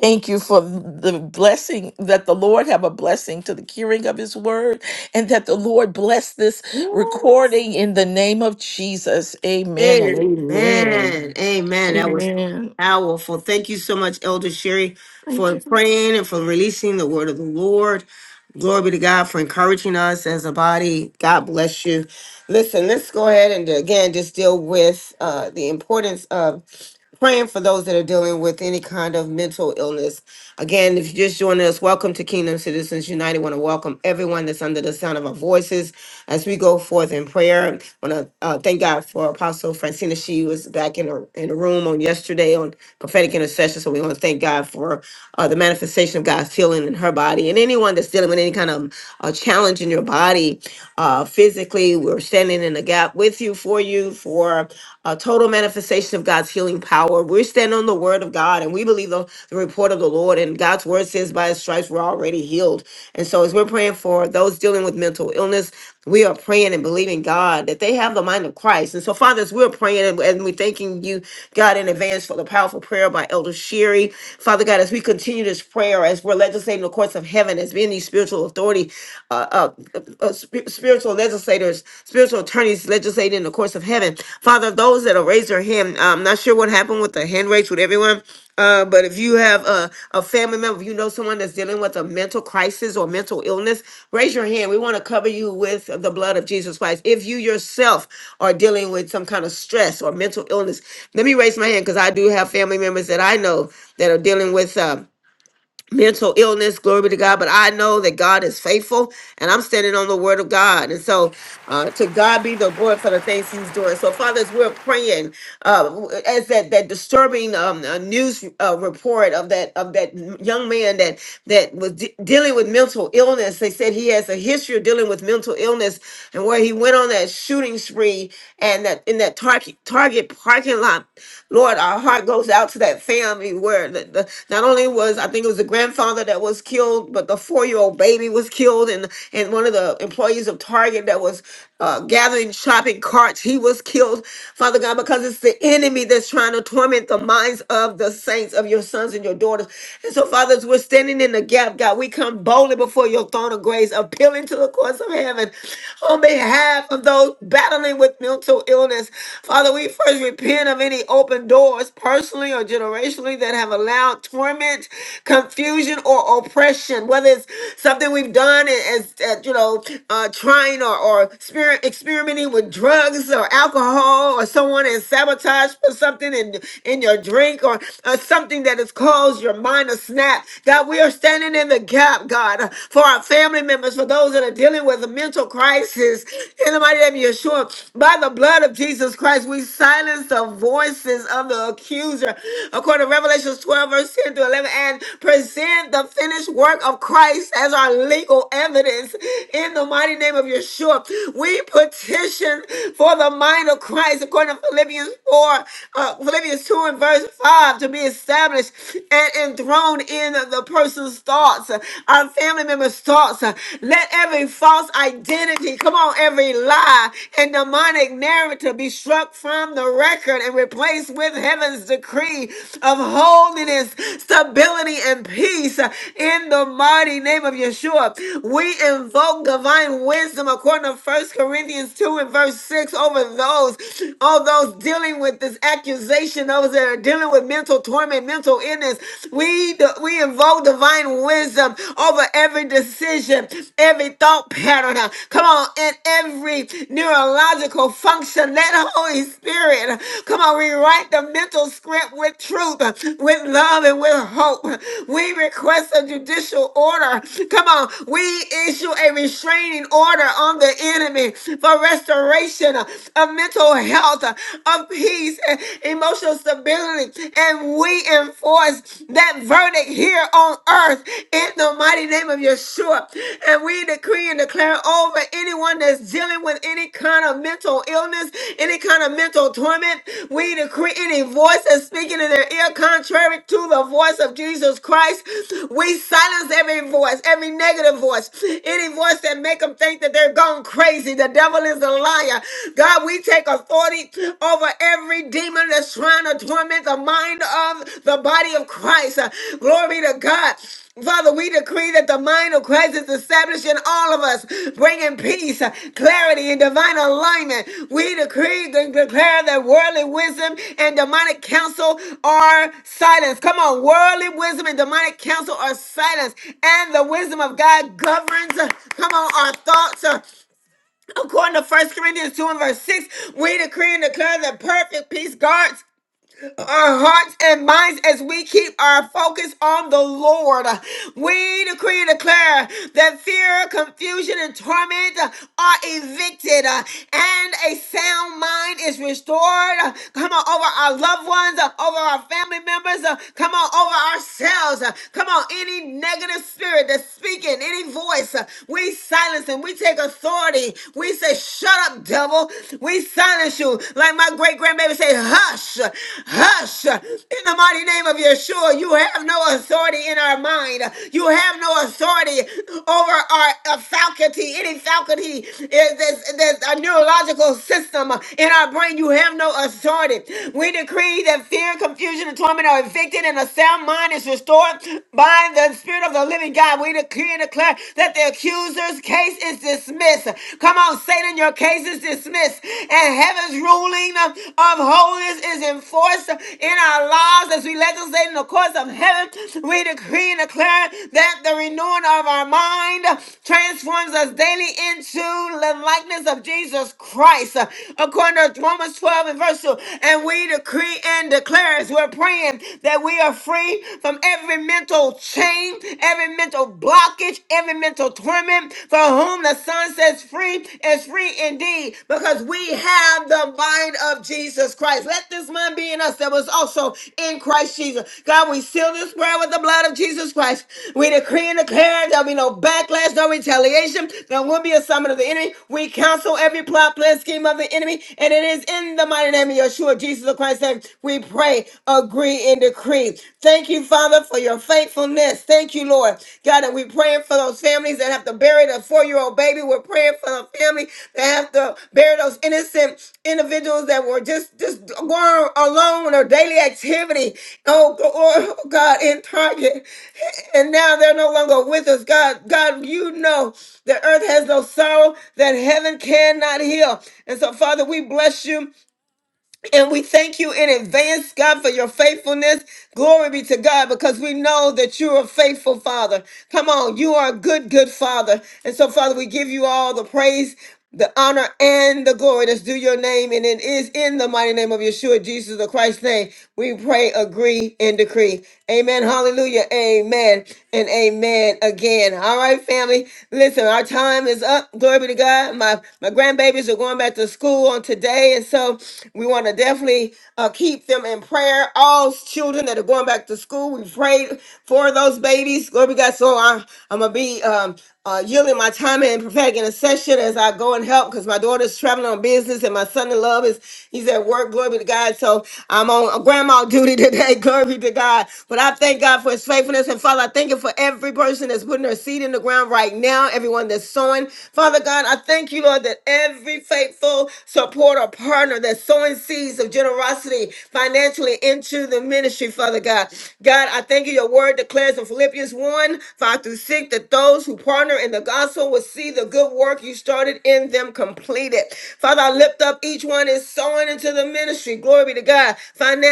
Thank you for the blessing that the Lord have a blessing to the hearing of his word and that the Lord bless this recording in the name of Jesus. Amen and
Amen.
amen.
Amen. That was
Amen.
powerful. Thank you so much, Elder Sherry,
Thank
for
you.
praying and for releasing the word of the Lord. Glory be to God for encouraging us as a body. God bless you. Listen, let's go ahead and again just deal with uh, the importance of praying for those that are dealing with any kind of mental illness. Again, if you're just joining us, welcome to Kingdom Citizens United. want to welcome everyone that's under the sound of our voices as we go forth in prayer. I want to uh, thank God for Apostle Francina. She was back in the, in the room on yesterday on prophetic intercession. So we want to thank God for uh, the manifestation of God's healing in her body. And anyone that's dealing with any kind of uh, challenge in your body, uh, physically, we're standing in the gap with you, for you, for a total manifestation of God's healing power. We're standing on the word of God and we believe the, the report of the Lord. And God's word says, by his stripes, we're already healed. And so, as we're praying for those dealing with mental illness, we are praying and believing God that they have the mind of Christ. And so, Father, as we're praying and, and we're thanking you, God, in advance for the powerful prayer by Elder Sherry. Father God, as we continue this prayer, as we're legislating the courts of heaven, as being the spiritual authority, uh, uh, uh, uh, sp- spiritual legislators, spiritual attorneys legislating in the course of heaven. Father, those that have raised their hand, uh, I'm not sure what happened with the hand raise with everyone, uh, but if you have a, a family member, if you know someone that's dealing with a mental crisis or mental illness, raise your hand. We want to cover you with the blood of Jesus Christ. If you yourself are dealing with some kind of stress or mental illness, let me raise my hand because I do have family members that I know that are dealing with. um, mental illness. Glory be to God. But I know that God is faithful and I'm standing on the word of God. And so uh, to God be the glory for the things he's doing. So, Father, as we're praying, uh, as that, that disturbing um, uh, news uh, report of that of that young man that that was de- dealing with mental illness, they said he has a history of dealing with mental illness and where he went on that shooting spree and that in that target target parking lot Lord, our heart goes out to that family where the, the, not only was I think it was the grandfather that was killed, but the four-year-old baby was killed, and and one of the employees of Target that was uh, gathering shopping carts, he was killed, Father God, because it's the enemy that's trying to torment the minds of the saints of your sons and your daughters. And so, fathers, we're standing in the gap, God. We come boldly before your throne of grace, appealing to the courts of heaven on behalf of those battling with mental mental illness. Father, we first repent of any open doors, personally or generationally, that have allowed torment, confusion, or oppression, whether it's something we've done as, as you know, uh, trying or, or exper- experimenting with drugs or alcohol, or someone has sabotaged for something in, in your drink, or uh, something that has caused your mind to snap. God, we are standing in the gap, God, for our family members, for those that are dealing with mental existential crisis in the mighty name of Yeshua. By the blood of Jesus Christ, we silence the voices of the accuser. According to Revelations 12, verse 10 to 11, and present the finished work of Christ as our legal evidence in the mighty name of Yeshua. We petition for the mind of Christ, according to Philippians 4, uh, Philippians 2 and verse 5, to be established and enthroned in the person's thoughts. Our family members' thoughts. Uh, Let every false identity, come on, every lie and demonic narrative be struck from the record and replaced with heaven's decree of holiness, stability, and peace uh, in the mighty name of Yeshua. We invoke divine wisdom according to First Corinthians 2 and verse 6 over those, all those dealing with this accusation, those that are dealing with mental torment, mental illness. We we invoke divine wisdom over every decision, every thought pattern. uh, Come on, and every neurological function. Let the Holy Spirit uh, come on rewrite the mental script with truth, uh, with love, and with hope. We request a judicial order. Come on, we issue a restraining order on the enemy for restoration uh, of mental health, uh, of peace, and emotional financial stability. And we enforce that verdict here on earth in the mighty name of Yeshua. And we decree and declare over anyone that's dealing with any kind of mental illness, any kind of mental torment. We decree any voice that's speaking in their ear contrary to the voice of Jesus Christ. We silence every voice, every negative voice, any voice that make them think that they're gone crazy. The devil is a liar. God, we take authority over every demon that's trying to torment the mind of the body of Christ. Uh, Glory to God. Father, we decree that the mind of Christ is established in all of us, bringing peace, uh, clarity, and divine alignment. We decree and declare that worldly wisdom and demonic counsel are silenced. Come on, worldly wisdom and demonic counsel are silenced, and the wisdom of God governs. uh, Come on, our thoughts. uh, According to First Corinthians 2 and verse 6, we decree and declare that perfect peace guards our hearts and minds as we keep our focus on the Lord. We decree and declare that fear, confusion, and torment are evicted uh, and a sound mind is restored. Uh, Come on, over our loved ones, uh, over our family members, uh, come on, over ourselves. Uh, Come on, any negative spirit that's speaking, any voice voice, uh, we silence him. We take authority. We say, shut up, devil. We silence you. Like my great grandbaby said, hush, hush. In the mighty name of Yeshua, you have no authority in our mind. You have no authority over our uh, faculty, any faculty, is this, this a neurological system in our brain. You have no authority. We decree that fear, confusion, and torment are are evicted and a sound mind is restored by the Spirit of the living God. We decree and declare that the accuser's case is dismissed. Come on, Satan, your case is dismissed. And heaven's ruling of holiness is enforced in our lives as we legislate in the courts of heaven. We decree and declare that the renewing of our mind transforms us daily into the likeness of Jesus Christ uh, according to Romans 12 and verse 2. And we decree and declare as we're praying that we are free from every mental chain, every mental blockage, every mental torment. For whom the Son says free is free indeed, because we have the mind of Jesus Christ. Let this mind be in us that was also in Christ Jesus. God, we seal this prayer with the blood of Jesus Christ. We decree and declare there'll be no no backlash, no retaliation. There will be a summit of the enemy. We cancel every plot, plan, scheme of the enemy. And it is in the mighty name of Yeshua, Jesus of Christ, that we pray, agree, and decree. Thank you, Father, for your faithfulness. Thank you, Lord. God, and we're praying for those families that have to bury the four-year-old baby. We're praying for the family that have to bury those innocent individuals that were just, just going alone or daily activity. Oh, Lord, oh God, in Target and now they're no longer with us. God, God, you know that earth has no sorrow that heaven cannot heal. And so, Father, we bless you and we thank you in advance, God, for your faithfulness. Glory be to God, because we know that you are faithful, Father. Come on, you are a good, good Father. And so, Father, we give you all the praise. The honor and the glory that's due your name, and it is in the mighty name of Yeshua, Jesus the Christ's name. We pray, agree, and decree. Amen. Hallelujah. Amen. And amen again. All right, family. Listen, our time is up. Glory be to God. My my grandbabies are going back to school on today, and so we want to definitely uh, keep them in prayer. All children that are going back to school, we prayed for those babies. Glory be to God. So I, I'm gonna be um, uh, yielding my time in prophetic intercession as I go and help because my daughter's traveling on business and my son in love is he's at work. Glory be to God. So I'm on uh, grandma duty today. [laughs] [laughs] Hey, glory be to God. But I thank God for his faithfulness. And Father, I thank you for every person that's putting their seed in the ground right now, everyone that's sowing. Father God, I thank you, Lord, that every faithful supporter, partner that's sowing seeds of generosity financially into the ministry, Father God. God, I thank you. Your word declares in Philippians 1 5 through 6 that those who partner in the gospel will see the good work you started in them completed. Father, I lift up each one is sowing into the ministry. Glory be to God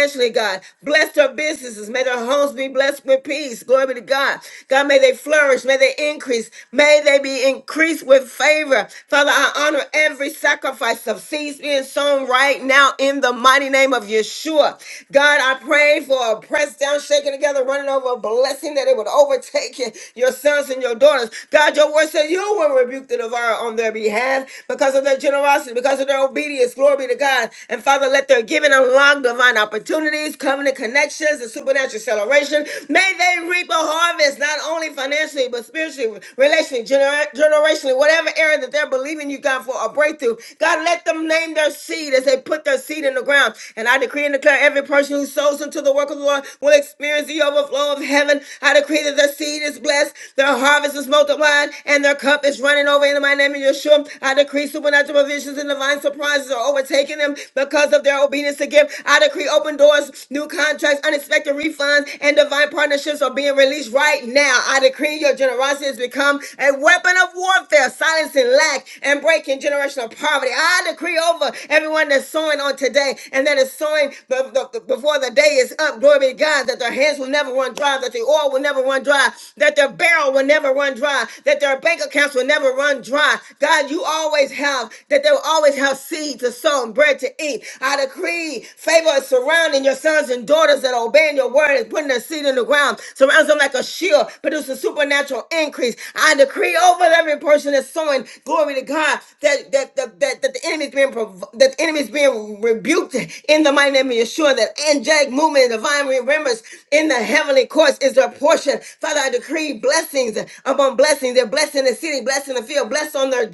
financially, God. Bless their businesses. May their homes be blessed with peace. Glory be to God. God, may they flourish. May they increase. May they be increased with favor. Father, I honor every sacrifice of seeds being sown right now in the mighty name of Yeshua. God, I pray for a press down, shaking together, running over a blessing that it would overtake you, your sons and your daughters. God, your word says you will rebuke the devourer on their behalf because of their generosity, because of their obedience. Glory be to God. And Father, let their giving unlock divine opportunities, covenant connections, and supernatural acceleration. May they reap a harvest, not only financially, but spiritually, relationally, gener- generationally, whatever area that they're believing you, God, for a breakthrough. God, let them name their seed as they put their seed in the ground. And I decree and declare every person who sows into the work of the Lord will experience the overflow of heaven. I decree that their seed is blessed, their harvest is multiplied, and their cup is running over in my name of Yeshua. I decree supernatural provisions and divine surprises are overtaking them. Because of their obedience to give, I decree open doors, new contracts, unexpected refunds, and divine partnerships are being released right now. I decree your generosity has become a weapon of warfare, silencing lack and breaking generational poverty. I decree over everyone that's sowing on today and that is sowing be- be- before the day is up. Glory be to God that their hands will never run dry, that the oil will never run dry, that their barrel will never run dry, that their bank accounts will never run dry. God, you always have, that they will always have seed seed to sow and bread to eat. I decree favor is surrounding your sons and daughters that are obeying your word and putting their seed in the ground. Surrounds them like a shield, produces supernatural increase. I decree over every person that's sowing glory to God that that that, that, that the enemy is being prov- that the enemy is being rebuked in the mighty name of Yeshua. That angelic movement and divine remembrance in the heavenly courts is their portion. Father, I decree blessings upon blessings. They're blessed in the city, blessed in the field, blessed on their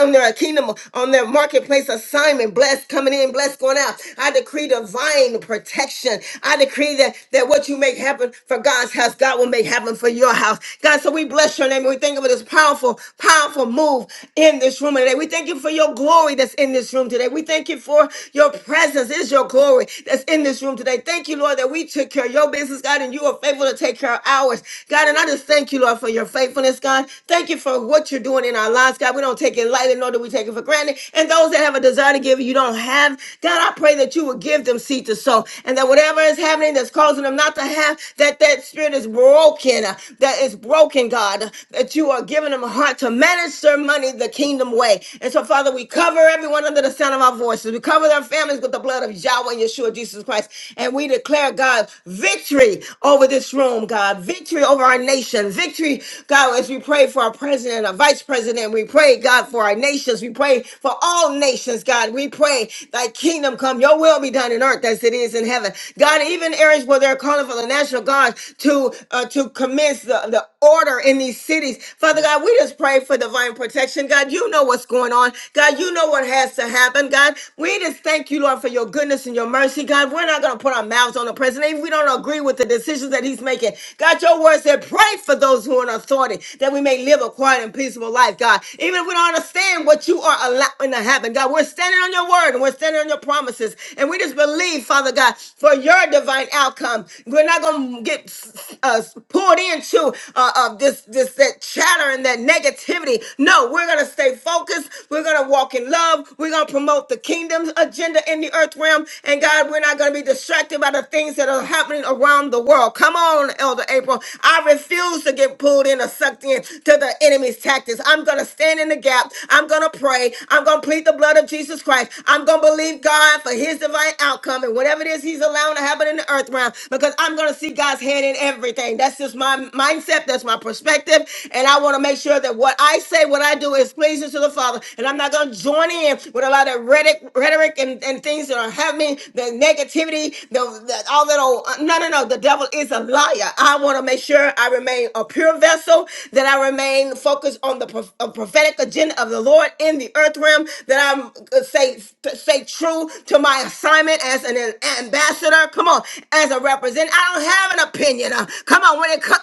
on their kingdom, on their marketplace assignment. Blessed coming in, blessed going out. I decree divine protection. I decree that, that what you make happen for God's house, God will make happen for your house. God, so we bless your name and we thank you for this powerful, powerful move in this room today. We thank you for your glory that's in this room today. We thank you for your presence is your glory that's in this room today. Thank you, Lord, that we took care of your business, God, and you are faithful to take care of ours. God, and I just thank you, Lord, for your faithfulness, God. Thank you for what you're doing in our lives, God. We don't take it it lightly, nor do we take it for granted. And those that have a desire to give, you don't have. God, I pray that you would give them seed to sow, and that whatever is happening that's causing them not to have, that that spirit is broken, uh, that is broken, God, that you are giving them a heart to manage their money the kingdom way. And so, Father, we cover everyone under the sound of our voices. We cover their families with the blood of Yahweh, Yeshua, Jesus Christ. And we declare, God, victory over this room, God, victory over our nation, victory, God, as we pray for our president, our vice president president. We pray, God, for our nations. We pray for all nations, God. We pray thy kingdom come, your will be done in earth as it is in heaven. God, even areas where they're calling for the national guard to uh, to commence the, the order in these cities. Father God, we just pray for divine protection. God, you know what's going on. God, you know what has to happen. God, we just thank you, Lord, for your goodness and your mercy. God, we're not going to put our mouths on the president if we don't agree with the decisions that he's making. God, your word said, pray for those who are in authority that we may live live a quiet and peaceful life, God. Even if we don't understand what you are allowing to happen, God, we're standing on your word and we're standing on your promises. And we just believe, Father God, for your divine outcome. We're not going to get uh, pulled into uh, uh, this, this that chatter and that negativity. No, we're going to stay focused. We're going to walk in love. We're going to promote the kingdom's agenda in the earth realm. And God, we're not going to be distracted by the things that are happening around the world. Come on, Elder April. I refuse to get pulled in in or sucked in to the enemy's tactics. I'm going to stand in the gap. I'm going to pray. I'm going to plead the blood of Jesus Christ. I'm going to believe God for his divine outcome and whatever it is he's allowing to happen in the earth realm because I'm going to see God's hand in everything. That's just my mindset. That's my perspective. And I want to make sure that what I say, what I do is pleasing to the Father. And I'm not going to join in with a lot of rhetoric, rhetoric and, and things that are happening, the negativity, the, the all that old. No, no, no. The devil is a liar. I want to make sure I I remain a pure vessel, that I remain focused on the pro- uh, prophetic agenda of the Lord in the earth realm, that I'm uh, say say true to my assignment as an ambassador. Come on, as a representative. I don't have an opinion. Uh, Come on, when it comes.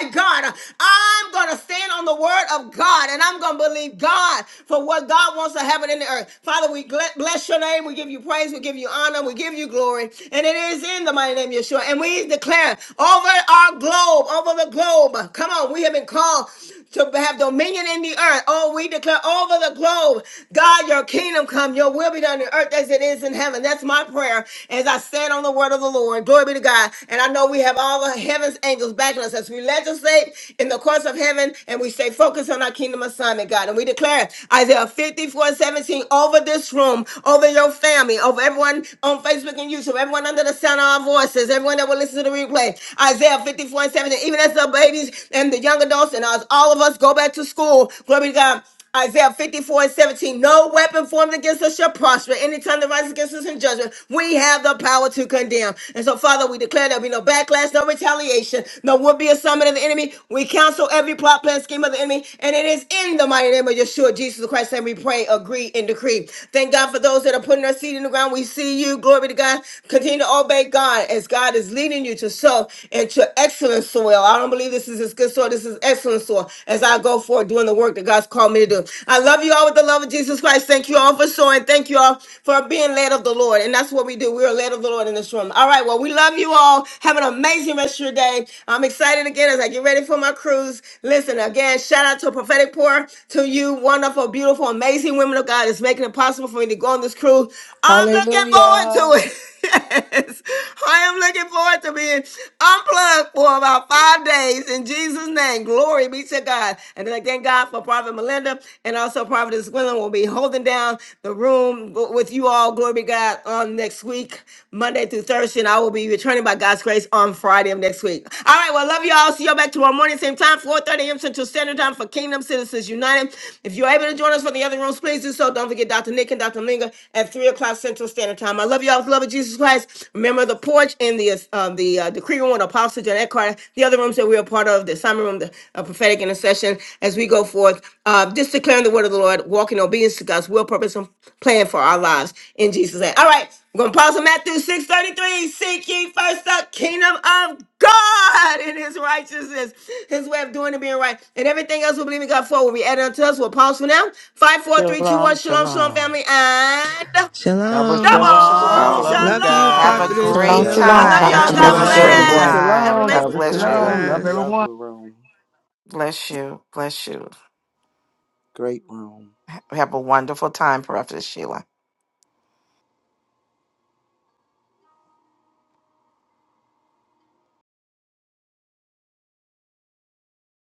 Hey, God, I'm going to stand on the word of God and I'm going to believe God for what God wants to happen in the earth. Father, we gle- bless your name. We give you praise. We give you honor. We give you glory. And it is in the mighty name of Yeshua. And we declare over our globe, over the globe. Come on, we have been called to have dominion in the earth. Oh, we declare over the globe, God, your kingdom come, your will be done in earth as it is in heaven. That's my prayer as I stand on the word of the Lord. Glory be to God. And I know we have all the heaven's angels backing us as we legislate in the courts of heaven and we stay focused on our kingdom assignment, God. And we declare Isaiah 54 17 over this room, over your family, over everyone on Facebook and YouTube, everyone under the sound of our voices, everyone that will listen to the replay. Isaiah 54 17, even as the baby babies and the young adults and us, all of us go back to school. Glory to God. Isaiah 54 and 17. No weapon formed against us shall prosper. Any tongue that rises against us in judgment, we have the power to condemn. And so, Father, we declare there'll be no backlash, no retaliation, no will be a summit of the enemy. We counsel every plot, plan, scheme of the enemy. And it is in the mighty name of Yeshua, Jesus Christ, that we pray, agree, and decree. Thank God for those that are putting their seed in the ground. We see you. Glory to God. Continue to obey God as God is leading you to sow at your excellent soil. I don't believe this is as good soil. This is excellent soil as I go forward doing the work that God's called me to do. I love you all with the love of Jesus Christ. Thank you all for showing. Thank you all for being led of the Lord. And that's what we do. We are led of the Lord in this room. All right. Well, we love you all. Have an amazing rest of your day. I'm excited again as I get ready for my cruise. Listen, again, shout out to a prophetic pour to you, wonderful, beautiful, amazing women of God. It's making it possible for me to go on this cruise. I'm looking forward
Hallelujah.
to it. [laughs] yes. I am looking forward to being unplugged for about five days in Jesus' name. Glory be to God. And then I thank God for Prophet Melinda and also Prophetess Gwendolyn will be holding down the room with you all. Glory be to God on next week, Monday through Thursday. And I will be returning by God's grace on Friday of next week. All right. Well, love you all. See you all back tomorrow morning, same time, 4.30 a.m. Central Standard Time for Kingdom Citizens United. If you're able to join us for the other rooms, please do so. Don't forget Dr. Nick and Dr. Minga at 3 o'clock Central Standard Time time. I love y'all. with the Love of Jesus Christ. Remember the porch and the uh, the uh, decree room, the Apostle John Eckhart, the other rooms that we are part of, the assignment room, the uh, prophetic intercession. As we go forth, uh, just declaring the word of the Lord, walking in obedience to God's will, purpose, and plan for our lives in Jesus' name. All right, we're gonna pause on Matthew six thirty three. Seek ye first the kingdom of God and His righteousness, His way of doing and being right, and everything else we believe in God for will be added unto us. We'll pause for now. Five, four, three, two, one.
Shalom,
Shalom, shalom,
shalom.
family, and.
Double
Shalom.
Shalom,
shalom.
Double
shalom.
Love
Shalom.
you
Love you,
Have a
I
shalom.
guys.
Prophetess
Shalom,
Double
great
I
Sheila.
shalom,
shalom,
love y'all.
time.
Have
bountiful
God
God
Have
Shalom,
a
blessings to
fun.
great
shalom.
Double
bless.
shalom.
bless.
everyone.
Have an
time.
amazing
shalom,
Have
God
a
double
bless
great
God
you.
shalom.
day.
Love
bless.
Love the
everyone.
room.
Bless you. Bless you.
Great room.
Have a wonderful time, Prophet Sheila.